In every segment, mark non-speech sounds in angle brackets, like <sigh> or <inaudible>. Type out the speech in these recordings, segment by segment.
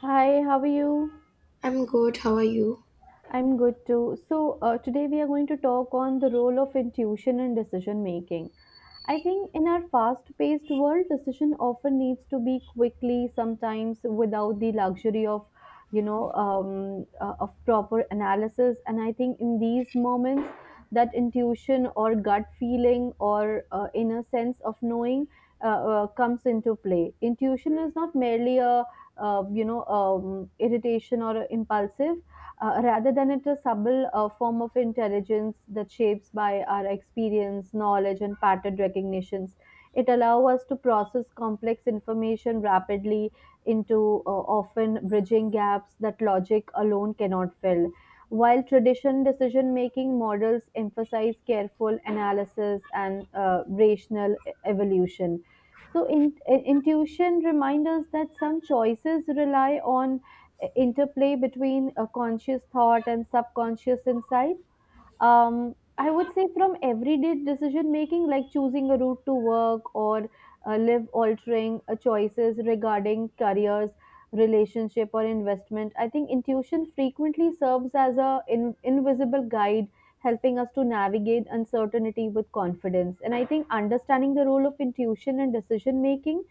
Hi, how are you? I'm good. How are you? I'm good too. So, today we are going to talk on the role of intuition in decision making. I think in our fast paced world, decision often needs to be quickly, sometimes without the luxury of, of proper analysis. And I think in these moments, that intuition or gut feeling or inner sense of knowing comes into play. Intuition is not merely a, irritation or impulsive rather than it a subtle form of intelligence that shapes by our experience, knowledge, and pattern recognitions. It allows us to process complex information rapidly into often bridging gaps that logic alone cannot fill. While tradition decision making models emphasize careful analysis and rational evolution. Intuition reminds us that some choices rely on interplay between a conscious thought and subconscious insight. I would say from everyday decision making, like choosing a route to work or live altering choices regarding careers, relationship, or investment. I think intuition frequently serves as a invisible guide, helping us to navigate uncertainty with confidence. And I think understanding the role of intuition in decision making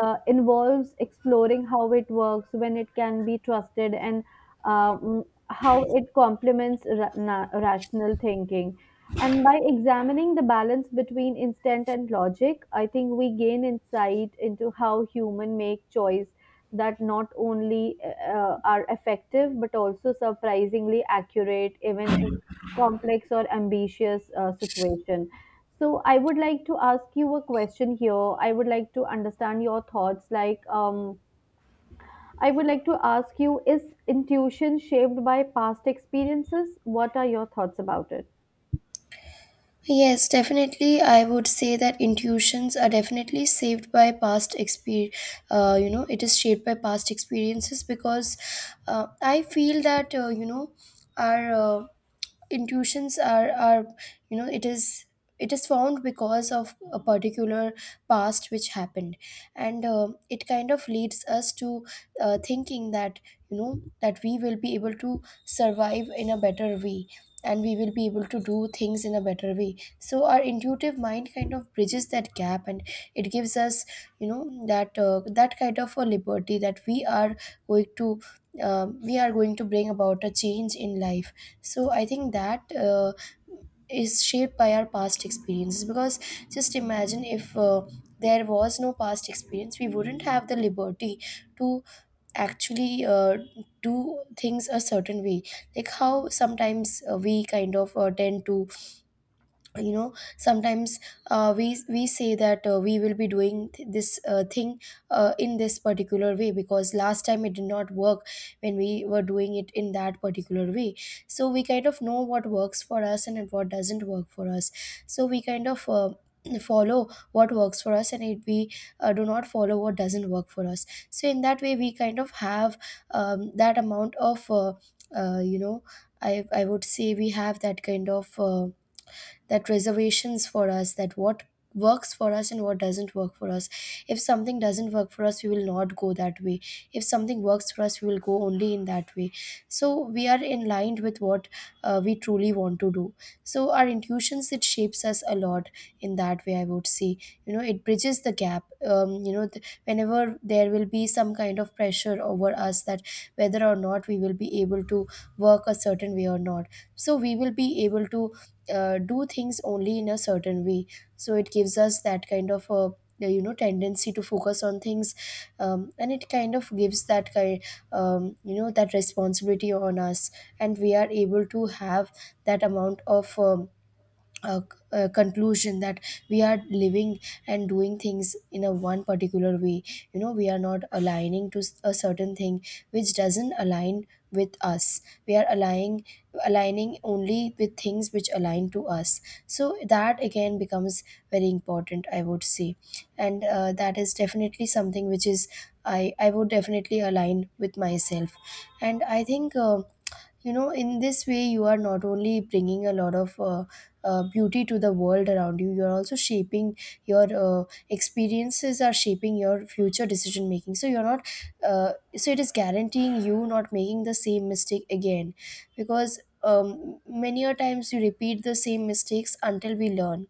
involves exploring how it works, when it can be trusted, and how it complements rational thinking. And by examining the balance between instinct and logic, I think we gain insight into how human make choice that not only are effective but also surprisingly accurate even in complex or ambitious situation. So I would like to ask you a question here. I would like to understand your thoughts, like, I would like to ask you, is intuition shaped by past experiences? What are your thoughts about it? Yes, definitely. I would say that intuitions are definitely saved by past experience. It is shaped by past experiences because I feel that, our intuitions are you know it is it is found because of a particular past which happened, and it kind of leads us to thinking that you know that we will be able to survive in a better way, and we will be able to do things in a better way. So our intuitive mind kind of bridges that gap, and it gives us you know that that kind of a liberty that we are going to we are going to bring about a change in life. So I think that is shaped by our past experiences, because just imagine if there was no past experience, we wouldn't have the liberty to actually do things a certain way. Like how sometimes we kind of tend to you know sometimes we say that we will be doing this thing in this particular way, because last time it did not work when we were doing it in that particular way. So we kind of know what works for us and what doesn't work for us, so we kind of follow what works for us, and it, we do not follow what doesn't work for us. So in that way we kind of have that amount of you know, I would say we have that kind of that reservations for us, that what works for us and what doesn't work for us. If something doesn't work for us, we will not go that way. If something works for us, we will go only in that way. So we are in line with what we truly want to do. So our intuitions, it shapes us a lot in that way, I would say. You know, it bridges the gap, you know, whenever there will be some kind of pressure over us that whether or not we will be able to work a certain way or not, so we will be able to do things only in a certain way. So it gives us that kind of a you know tendency to focus on things, and it kind of gives that kind, you know, that responsibility on us, and we are able to have that amount of uh, conclusion that we are living and doing things in a one particular way. You know, we are not aligning to a certain thing which doesn't align with us. We are aligning, aligning only with things which align to us. So that again becomes very important, I would say. And that is definitely something which is, I would definitely align with myself. And I think in this way you are not only bringing a lot of beauty to the world around you, you're also shaping your experiences are shaping your future decision making. So you're not so it is guaranteeing you not making the same mistake again, because many a times you repeat the same mistakes until we learn.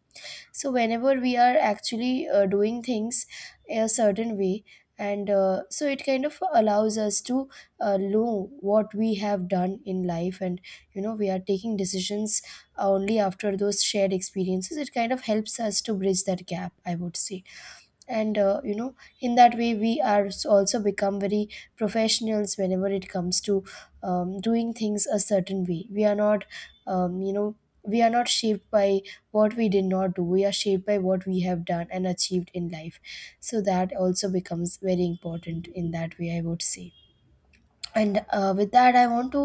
So whenever we are actually doing things a certain way, and so it kind of allows us to know what we have done in life, and you know we are taking decisions only after those shared experiences. It kind of helps us to bridge that gap, I would say. And in that way we are also become very professionals whenever it comes to doing things a certain way. We are not um, you know we are not shaped by what we did not do. We are shaped by what we have done and achieved in life. So that also becomes very important in that way, I would say. And with that I want to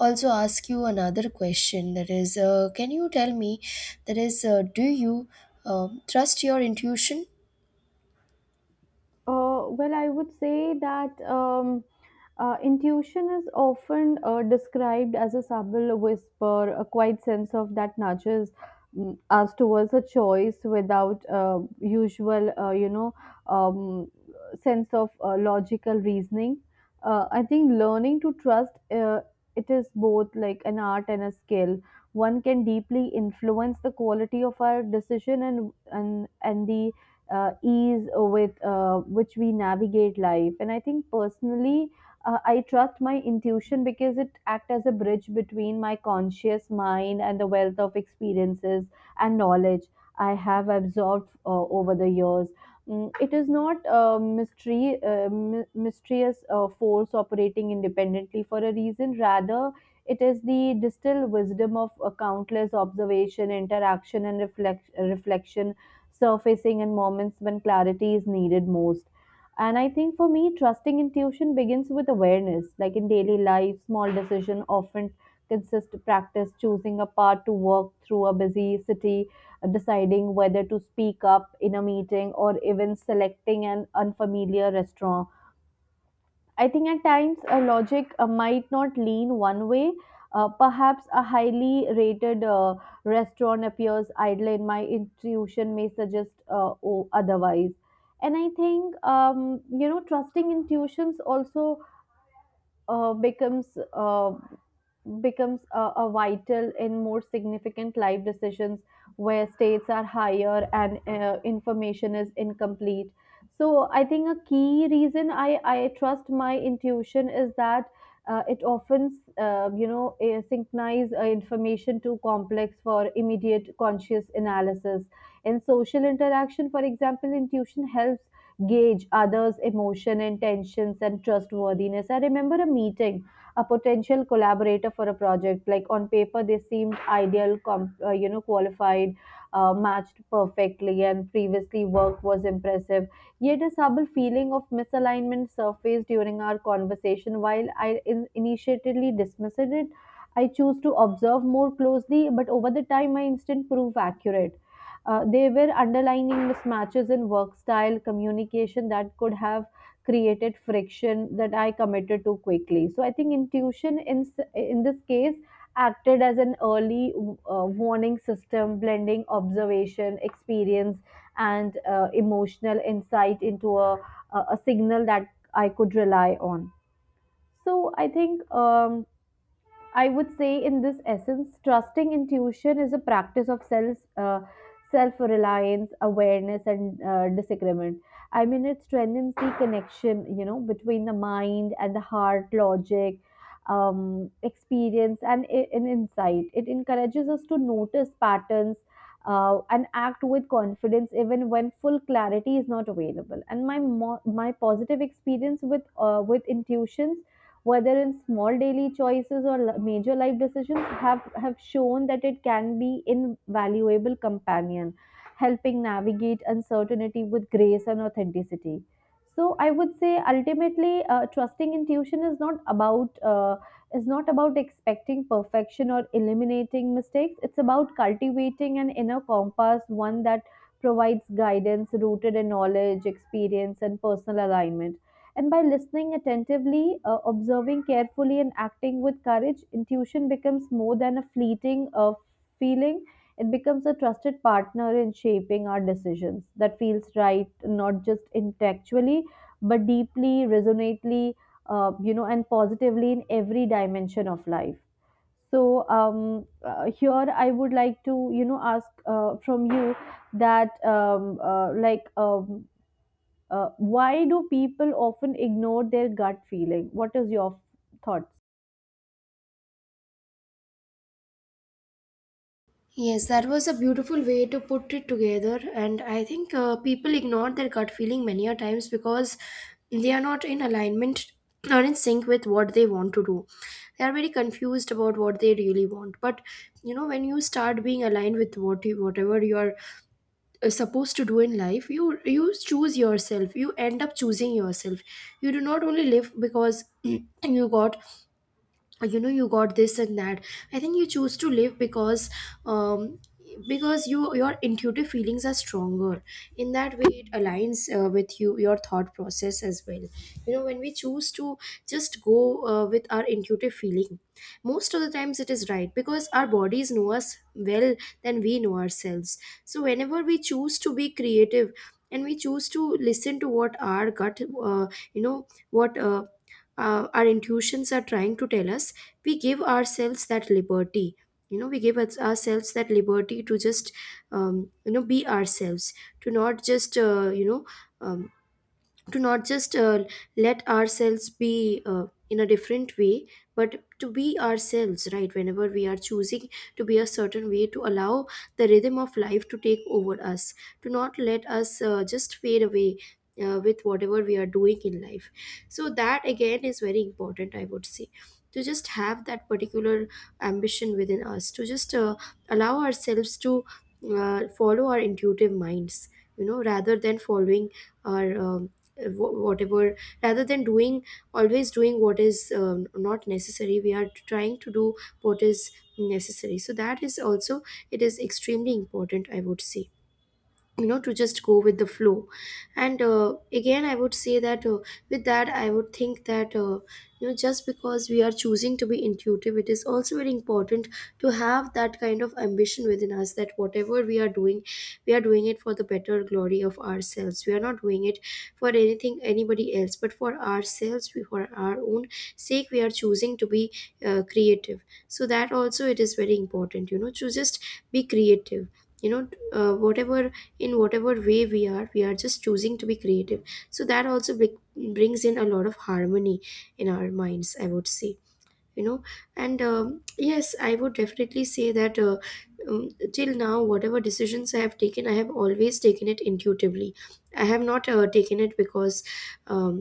also ask you another question, that is, can you tell me, that is, do you trust your intuition? Well, I would say that intuition is often described as a subtle whisper, a quiet sense of that nudges us towards a choice without usual, um, sense of logical reasoning. I think learning to trust it is both like an art and a skill. One can deeply influence the quality of our decision and the ease with which we navigate life. And I think personally, I trust my intuition because it acts as a bridge between my conscious mind and the wealth of experiences and knowledge I have absorbed over the years. Mm. It is not a mystery, mysterious force operating independently for a reason. Rather, it is the distilled wisdom of countless observation, interaction, and reflection surfacing in moments when clarity is needed most. And I think for me, trusting intuition begins with awareness. Like in daily life, small decision often consist practice choosing a path to walk through a busy city, deciding whether to speak up in a meeting, or even selecting an unfamiliar restaurant. I think at times a logic might not lean one way. Perhaps a highly rated restaurant appears idle, and my intuition may suggest otherwise. And I think trusting intuitions also uh, becomes uh, becomes a vital in more significant life decisions where states are higher and information is incomplete. So I think a key reason I trust my intuition is that it often synchronize information too complex for immediate conscious analysis. In social interaction, for example, intuition helps gauge others' emotion, intentions, and trustworthiness. I remember a meeting a potential collaborator for a project. Like on paper, they seemed ideal, qualified, matched perfectly, and previously work was impressive. Yet a subtle feeling of misalignment surfaced during our conversation. While I initially dismissed it, I chose to observe more closely, but over the time, my instinct proved accurate. They were underlining mismatches in work style, communication that could have created friction that I committed to quickly. So I think intuition in in this case acted as an early warning system, blending observation, experience, and emotional insight into a signal that I could rely on. So I think. I would say, in this essence, trusting intuition is a practice of self reliance, awareness, and disagreement. I mean, it strengthens the connection, you know, between the mind and the heart, logic, experience, and, and insight. It encourages us to notice patterns. And act with confidence even when full clarity is not available. And my positive experience with intuitions, whether in small daily choices or major life decisions, have shown that it can be invaluable companion helping navigate uncertainty with grace and authenticity. So I would say ultimately trusting intuition is not about expecting perfection or eliminating mistakes. It's about cultivating an inner compass, one that provides guidance rooted in knowledge, experience, and personal alignment. And by listening attentively, observing carefully, and acting with courage, intuition becomes more than a fleeting feeling. It becomes a trusted partner in shaping our decisions that feels right, not just intellectually, but deeply, resonately, and positively in every dimension of life. So here I would like to, you know, ask from you that why do people often ignore their gut feeling? What is your thoughts? Yes, that was a beautiful way to put it together. And I think people ignore their gut feeling many a times because they are not in alignment or in sync with what they want to do. They are very confused about what they really want. But you know, when you start being aligned with what you, whatever you are supposed to do in life, you choose yourself. You end up choosing yourself. You do not only live because <clears throat> you got this and that. I think you choose to live um because your intuitive feelings are stronger. In that way it aligns with you, your thought process as well. You know, when we choose to just go with our intuitive feeling, most of the times it is right, because our bodies know us well than we know ourselves. So whenever we choose to be creative, and we choose to listen to what our gut what our intuitions are trying to tell us, we give ourselves that liberty. You know, we give us, ourselves that liberty to just you know be ourselves, to not just um, to not just let ourselves be in a different way, but to be ourselves, right? Whenever we are choosing to be a certain way, to allow the rhythm of life to take over us, to not let us just fade away with whatever we are doing in life. So that again is very important, I would say, to just have that particular ambition within us to just allow ourselves to follow our intuitive minds, you know, rather than following our whatever, rather than doing, always doing what is not necessary. We are trying to do what is necessary. So that is also, it is extremely important, I would say, you know, to just go with the flow. And again I would say that with that I would think that you know, just because we are choosing to be intuitive, it is also very important to have that kind of ambition within us, that whatever we are doing, we are doing it for the better glory of ourselves. We are not doing it for anything anybody else but for ourselves. We, for our own sake, we are choosing to be creative. So that also, it is very important, you know, to just be creative, you know, whatever, in whatever way we are just choosing to be creative. So that also brings in a lot of harmony in our minds, I would say. You know, and yes, I would definitely say that um, till now whatever decisions I have taken, I have always taken it intuitively. I have not taken it um,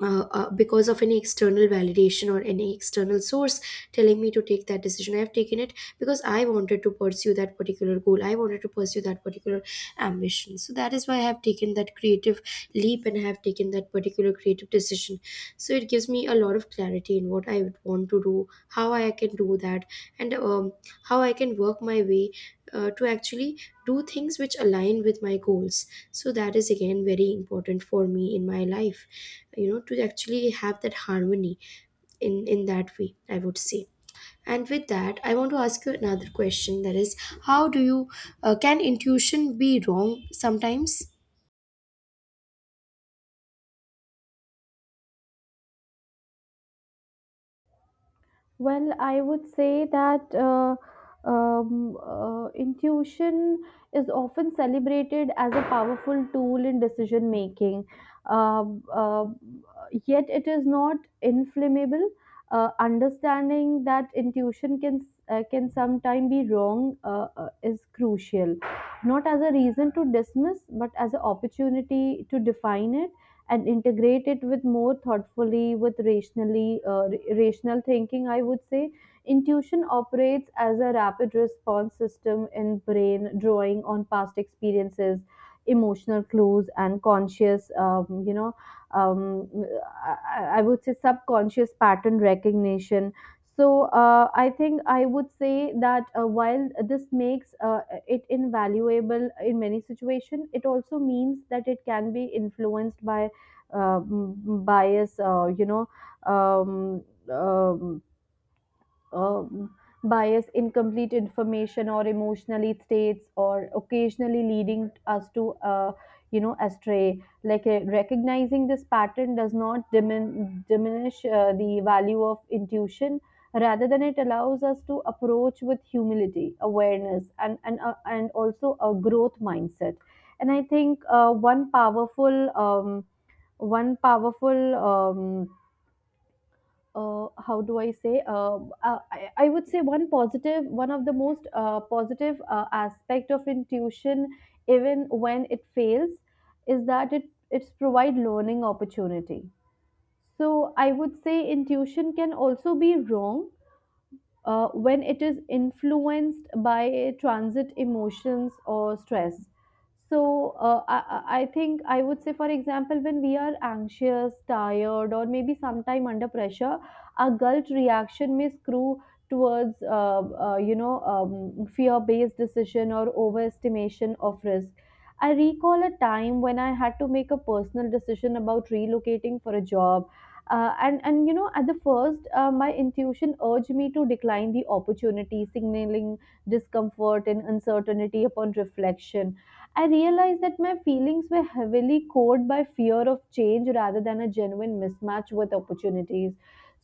because of any external validation or any external source telling me to take that decision. I have taken it because I wanted to pursue that particular goal. I wanted to pursue that particular ambition. So that is why I have taken that creative leap, and I have taken that particular creative decision. So it gives me a lot of clarity in what I would want to do, how I can do that, and how I can work my way to actually do things which align with my goals. So that is again very important for me in my life, you know, to actually have that harmony in that way, I would say. And with that I want to ask you another question, that is, how do you can intuition be wrong sometimes? Well, I would say that intuition is often celebrated as a powerful tool in decision making. Um uh, Yet, it is not inflammable. Understanding that intuition can sometimes be wrong is crucial, not as a reason to dismiss, but as an opportunity to define it and integrate it with more thoughtfully with rationally rational thinking. I would say intuition operates as a rapid response system in brain, drawing on past experiences, emotional clues, and conscious you know um, I would say subconscious pattern recognition. So I think I would say that while this makes it invaluable in many situations, it also means that it can be influenced by mm, bias, you know, um, um, um, bias, incomplete information, or emotionally states, or occasionally leading us to, astray. Like recognizing this pattern does not diminish the value of intuition. Rather than it allows us to approach with humility, awareness, and and also a growth mindset. And I think one powerful, how do I say? I would say one of the most positive aspect of intuition, even when it fails, is that it it's provide learning opportunity. So I would say intuition can also be wrong when it is influenced by transit emotions or stress. So I think I would say, for example, when we are anxious, tired, or maybe sometime under pressure, our gut reaction may screw towards, fear-based decision or overestimation of risk. I recall a time when I had to make a personal decision about relocating for a job. And you know, at the first, my intuition urged me to decline the opportunity, signaling discomfort and uncertainty. Upon reflection, I realized that my feelings were heavily cored by fear of change rather than a genuine mismatch with opportunities.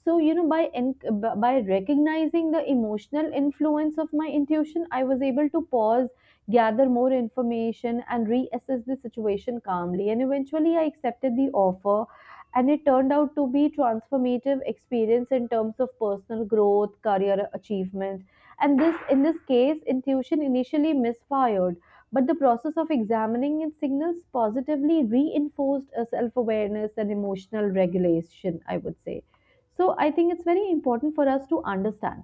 So you know, by recognizing the emotional influence of my intuition, I was able to pause, gather more information, and reassess the situation calmly, and eventually I accepted the offer, and it turned out to be transformative experience in terms of personal growth, career achievement. And this in this case, intuition initially misfired, but the process of examining its signals positively reinforced a self-awareness and emotional regulation, I would say. So I think it's very important for us to understand.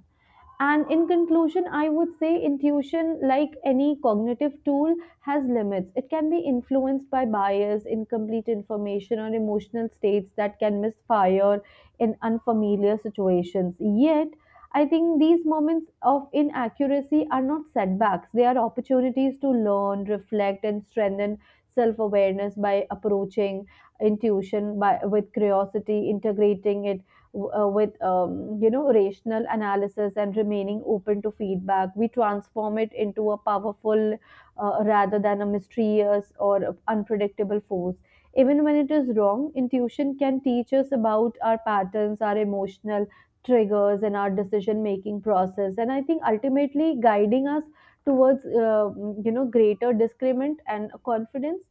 And in conclusion, I would say intuition, like any cognitive tool, has limits. It can be influenced by bias, incomplete information, or emotional states that can misfire in unfamiliar situations. Yet, I think these moments of inaccuracy are not setbacks, they are opportunities to learn, reflect, and strengthen self awareness by approaching intuition with curiosity, integrating it with rational analysis, and remaining open to feedback. We transform it into a powerful rather than a mysterious or unpredictable force. Even when it is wrong, intuition can teach us about our patterns, our emotional triggers, and our decision making process, and I think ultimately guiding us towards greater discernment and confidence.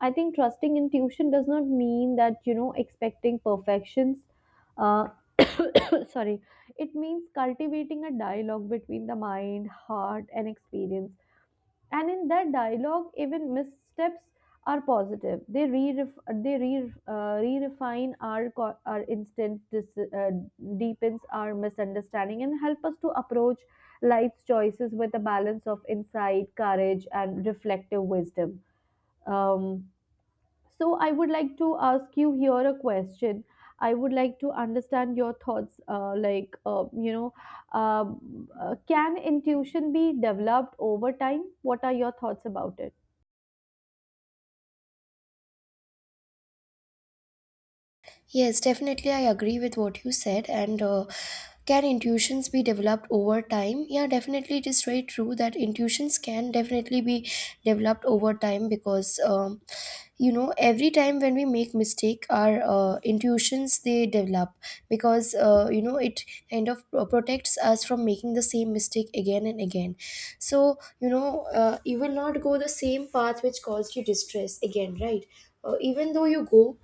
I think trusting intuition does not mean that you know expecting perfections. uh, <coughs> Sorry. It means cultivating a dialogue between the mind, heart, and experience, and in that dialogue even missteps are positive. They re they re uh, refine our instant, deepens our misunderstanding and help us to approach life's choices with a balance of insight, courage, and reflective wisdom. um, so, I would like to ask you here a question. I would like to understand your thoughts. Can intuition be developed over time? What are your thoughts about it? Yes, definitely. I agree with what you said. And can intuitions be developed over time? Yeah, definitely. It is very true that intuitions can definitely be developed over time because, you know, every time when we make mistake, our intuitions they develop, because you know it kind of protects us from making the same mistake again and again. So you know, you will not go the same path which caused you distress again, right? Even though you go,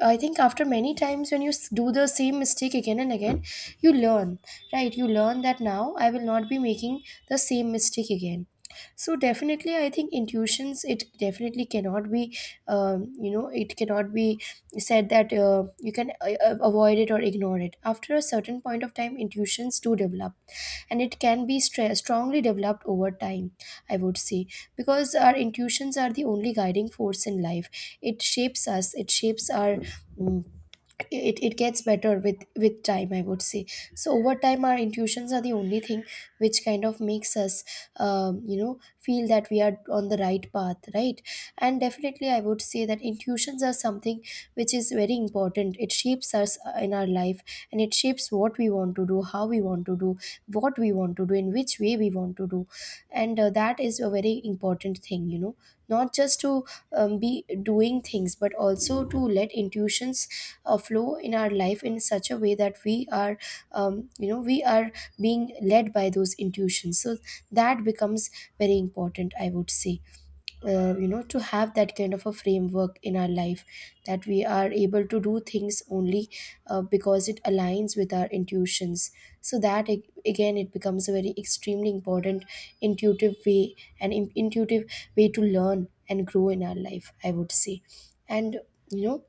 I think after many times when you do the same mistake again and again, you learn, right? You learn that now I will not be making the same mistake again. So definitely, I think intuitions. It definitely cannot be, it cannot be said that you can avoid it or ignore it. After a certain point of time, intuitions do develop, and it can be strongly developed over time. I would say because our intuitions are the only guiding force in life. It shapes us. It shapes our Mm. It gets better with time, I would say. So over time, our intuitions are the only thing which kind of makes us you know feel that we are on the right path, right? And definitely, I would say that intuitions are something which is very important. It shapes us in our life, and it shapes what we want to do, how we want to do, what we want to do, in which way we want to do. And that is a very important thing, you know, not just to be doing things, but also to let intuitions flow in our life in such a way that we are, you know, we are being led by those intuitions. So that becomes very important, I would say, you know, to have that kind of a framework in our life, that we are able to do things only because it aligns with our intuitions. So that again it becomes a very extremely important intuitive way, an intuitive way to learn and grow in our life, I would say. And you know,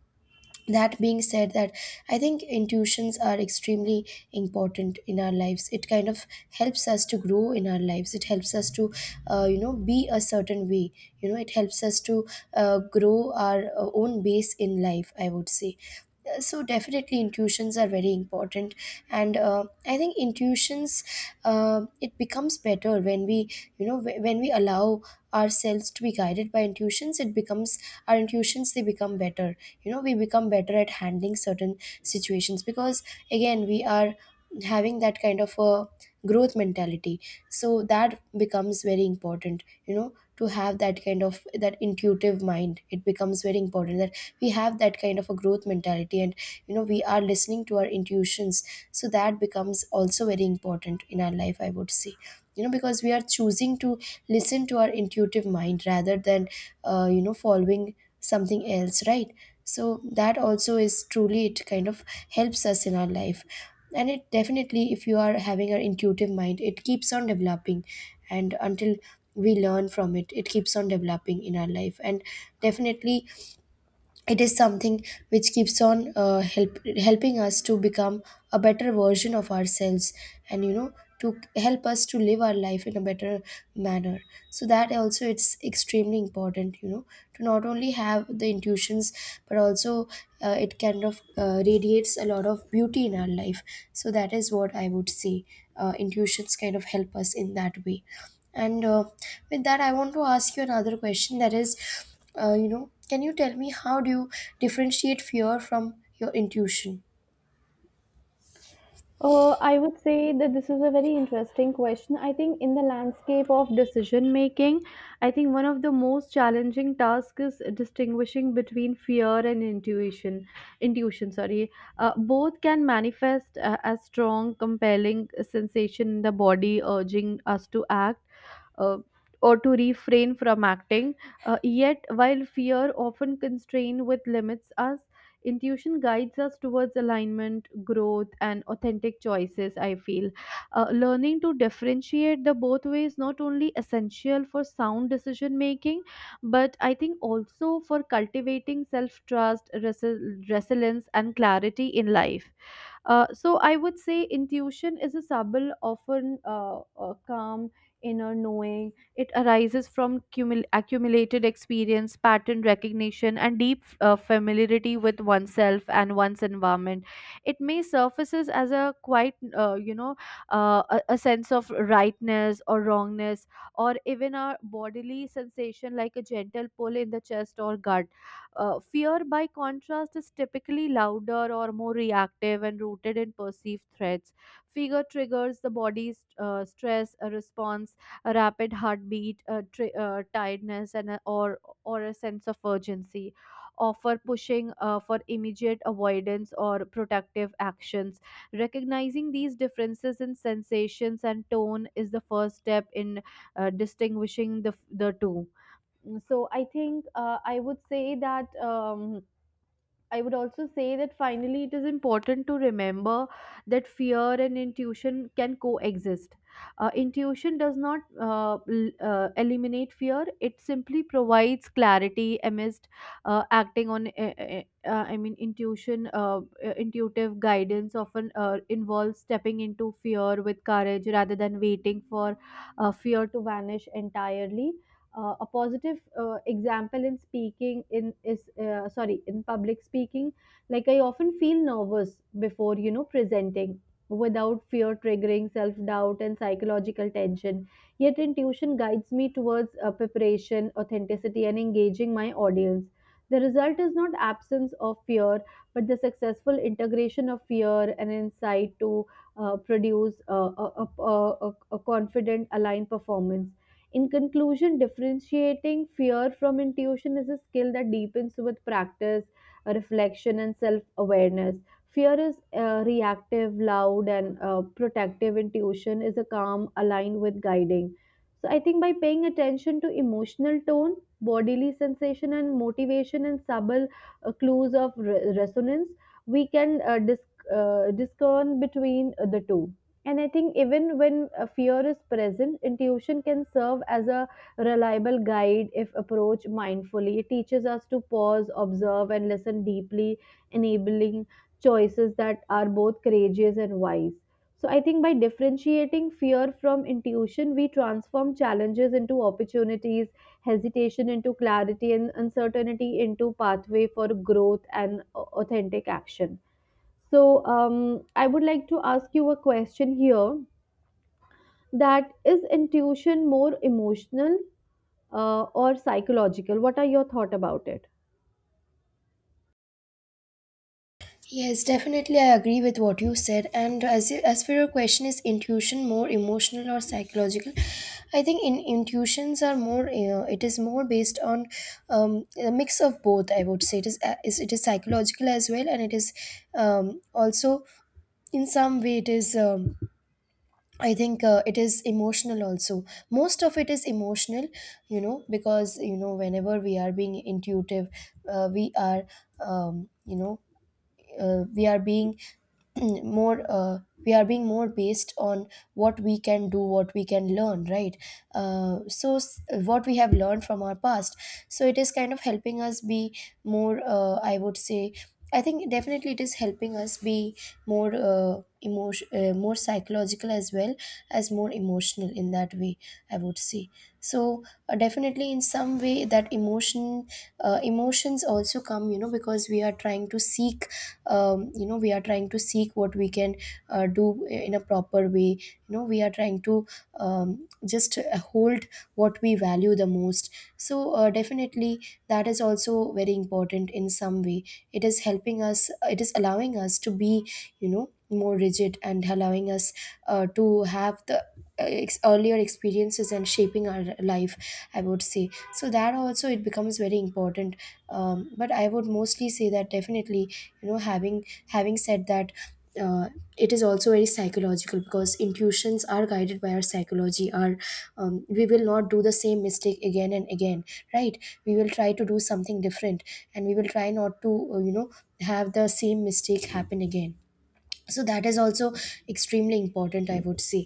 that being said, that I think intuitions are extremely important in our lives. It kind of helps us to grow in our lives. It helps us to you know, be a certain way. You know, it helps us to grow our own base in life, I would say. So definitely, intuitions are very important. And I think intuitions, it becomes better when we, you know, when we allow ourselves to be guided by intuitions. It becomes, our intuitions, they become better. You know, we become better at handling certain situations, because again, we are having that kind of a growth mentality. So that becomes very important, you know, to have that kind of that intuitive mind. It becomes very important that we have that kind of a growth mentality, and you know, we are listening to our intuitions. So that becomes also very important in our life, I would say, you know, because we are choosing to listen to our intuitive mind rather than you know, following something else, right? So that also is truly, it kind of helps us in our life. And it definitely, if you are having an intuitive mind, it keeps on developing. And until we learn from it, it keeps on developing in our life. And definitely, it is something which keeps on helping us to become a better version of ourselves, and you know, to help us to live our life in a better manner. So that also, it's extremely important, you know, to not only have the intuitions but also it kind of radiates a lot of beauty in our life. So that is what I would say. Intuitions kind of help us in that way. And with that, I want to ask you another question, that is, you know, can you tell me how do you differentiate fear from your intuition? I would say that this is a very interesting question. I think in the landscape of decision making, I think one of the most challenging tasks is distinguishing between fear and intuition. Intuition, sorry. Both can manifest as strong, compelling sensation in the body, urging us to act. Uh, or to refrain from acting, yet while fear often constrain with limits us. Intuition guides us towards alignment, growth, and authentic choices, I feel. Learning to differentiate the both ways not only essential for sound decision making, but I think also for cultivating self trust, resilience, and clarity in life. So I would say intuition is a subtle, often calm inner knowing. It arises from accumulated experience, pattern recognition, and deep familiarity with oneself and one's environment. It may surfaces as a quite, a sense of rightness or wrongness, or even a bodily sensation like a gentle pull in the chest or gut. Fear, by contrast, is typically louder or more reactive and rooted in perceived threats. Fear triggers the body's stress a response, a rapid heartbeat, a tiredness, and a, or a sense of urgency, or for pushing for immediate avoidance or protective actions. Recognizing these differences in sensations and tone is the first step in distinguishing the two. So I think I would say that. I would also say that finally it is important to remember that fear and intuition can coexist. Intuition does not eliminate fear, it simply provides clarity amidst acting on, I mean, intuition, intuitive guidance often involves stepping into fear with courage rather than waiting for fear to vanish entirely. A positive example in speaking in is sorry, in public speaking, like I often feel nervous before presenting without fear triggering self doubt and psychological tension. Yet intuition guides me towards preparation, authenticity, and engaging my audience. The result is not absence of fear, but the successful integration of fear and insight to produce a confident, aligned performance. In conclusion, differentiating fear from intuition is a skill that deepens with practice, reflection, and self awareness. Fear is reactive, loud, and protective. Intuition is a calm, aligned with guiding. So, I think by paying attention to emotional tone, bodily sensation, and motivation, and subtle clues of resonance, we can discern between the two. And I think even when a fear is present, intuition can serve as a reliable guide if approached mindfully. It teaches us to pause, observe, and listen deeply, enabling choices that are both courageous and wise. So I think by differentiating fear from intuition, we transform challenges into opportunities, hesitation into clarity, and uncertainty into pathway for growth and authentic action. So, um, I would like to ask you a question here, that is intuition more emotional or psychological? What are your thoughts about it? Yes, definitely. I agree with what you said. And as for your question, is intuition more emotional or psychological? I think in intuitions are more, it is more based on a mix of both. I would say it is, it is psychological as well, and it is also, in some way it is. I think it is emotional also. Most of it is emotional, you know, because, you know, whenever we are being intuitive, we are, you know, we are being <clears throat> more we are being more based on what we can do, what we can learn, right? So s- what we have learned from our past. So it is kind of helping us be more, I would say, I think definitely it is helping us be more emotion more psychological as well as more emotional in that way, I would say. So definitely, in some way, that emotions also come, you know, because we are trying to seek, you know, we are trying to seek what we can do in a proper way. You know, we are trying to just hold what we value the most. So definitely, that is also very important. In some way, it is helping us, it is allowing us to be, you know, more rigid, and allowing us to have the earlier experiences and shaping our life, I would say. So that also it becomes very important. But I would mostly say that definitely, you know, having, having said that, uh, it is also very psychological because intuitions are guided by our psychology, our, we will not do the same mistake again and again, right? We will try to do something different, and we will try not to you know, have the same mistake happen again. So that is also extremely important, I would say.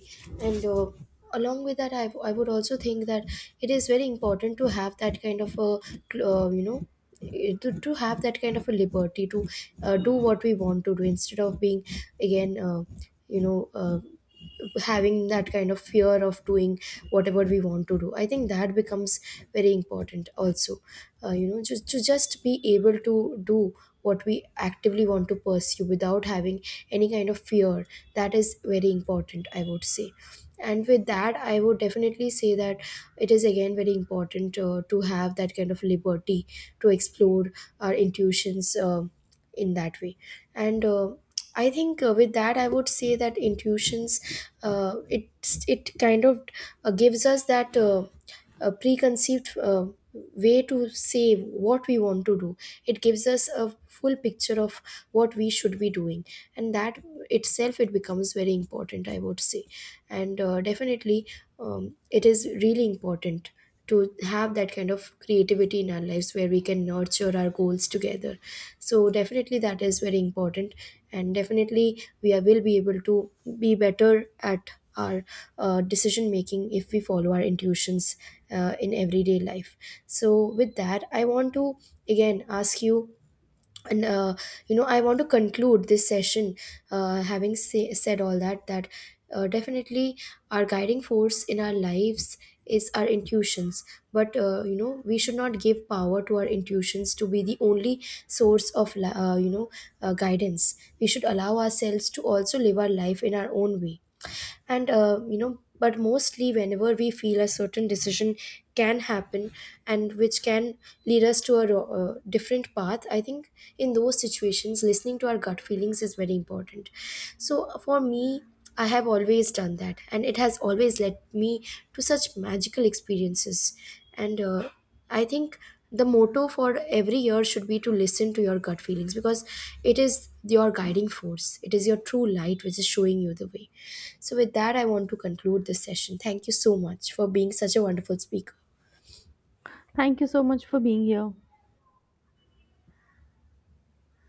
And along with that, I would also think that it is very important to have that kind of a you know, to have that kind of a liberty to do what we want to do, instead of being again, you know, having that kind of fear of doing whatever we want to do. I think that becomes very important also, you know, just to just be able to do what we actively want to pursue without having any kind of fear. That is very important, I would say. And with that, I would definitely say that it is again very important to have that kind of liberty to explore our intuitions in that way. And I think with that, I would say that intuitions, it, it kind of gives us that preconceived way to say what we want to do. It gives us a full picture of what we should be doing, and that itself, it becomes very important, I would say. And definitely, it is really important to have that kind of creativity in our lives, where we can nurture our goals together. So definitely, that is very important. And definitely, will be able to be better at our decision making if we follow our intuitions in everyday life. So with that, I want to again ask you, and you know, I want to conclude this session. Having said all that, that definitely our guiding force in our lives is our intuitions. But you know, we should not give power to our intuitions to be the only source you know, guidance. We should allow ourselves to also live our life in our own way. And you know, but mostly whenever we feel a certain decision can happen, and which can lead us to a different path, I think in those situations, listening to our gut feelings is very important. So for me, I have always done that, and it has always led me to such magical experiences. And I think the motto for every year should be to listen to your gut feelings, because it is your guiding force. It is your true light which is showing you the way. So, with that, I want to conclude this session. Thank you so much for being such a wonderful speaker. Thank you so much for being here.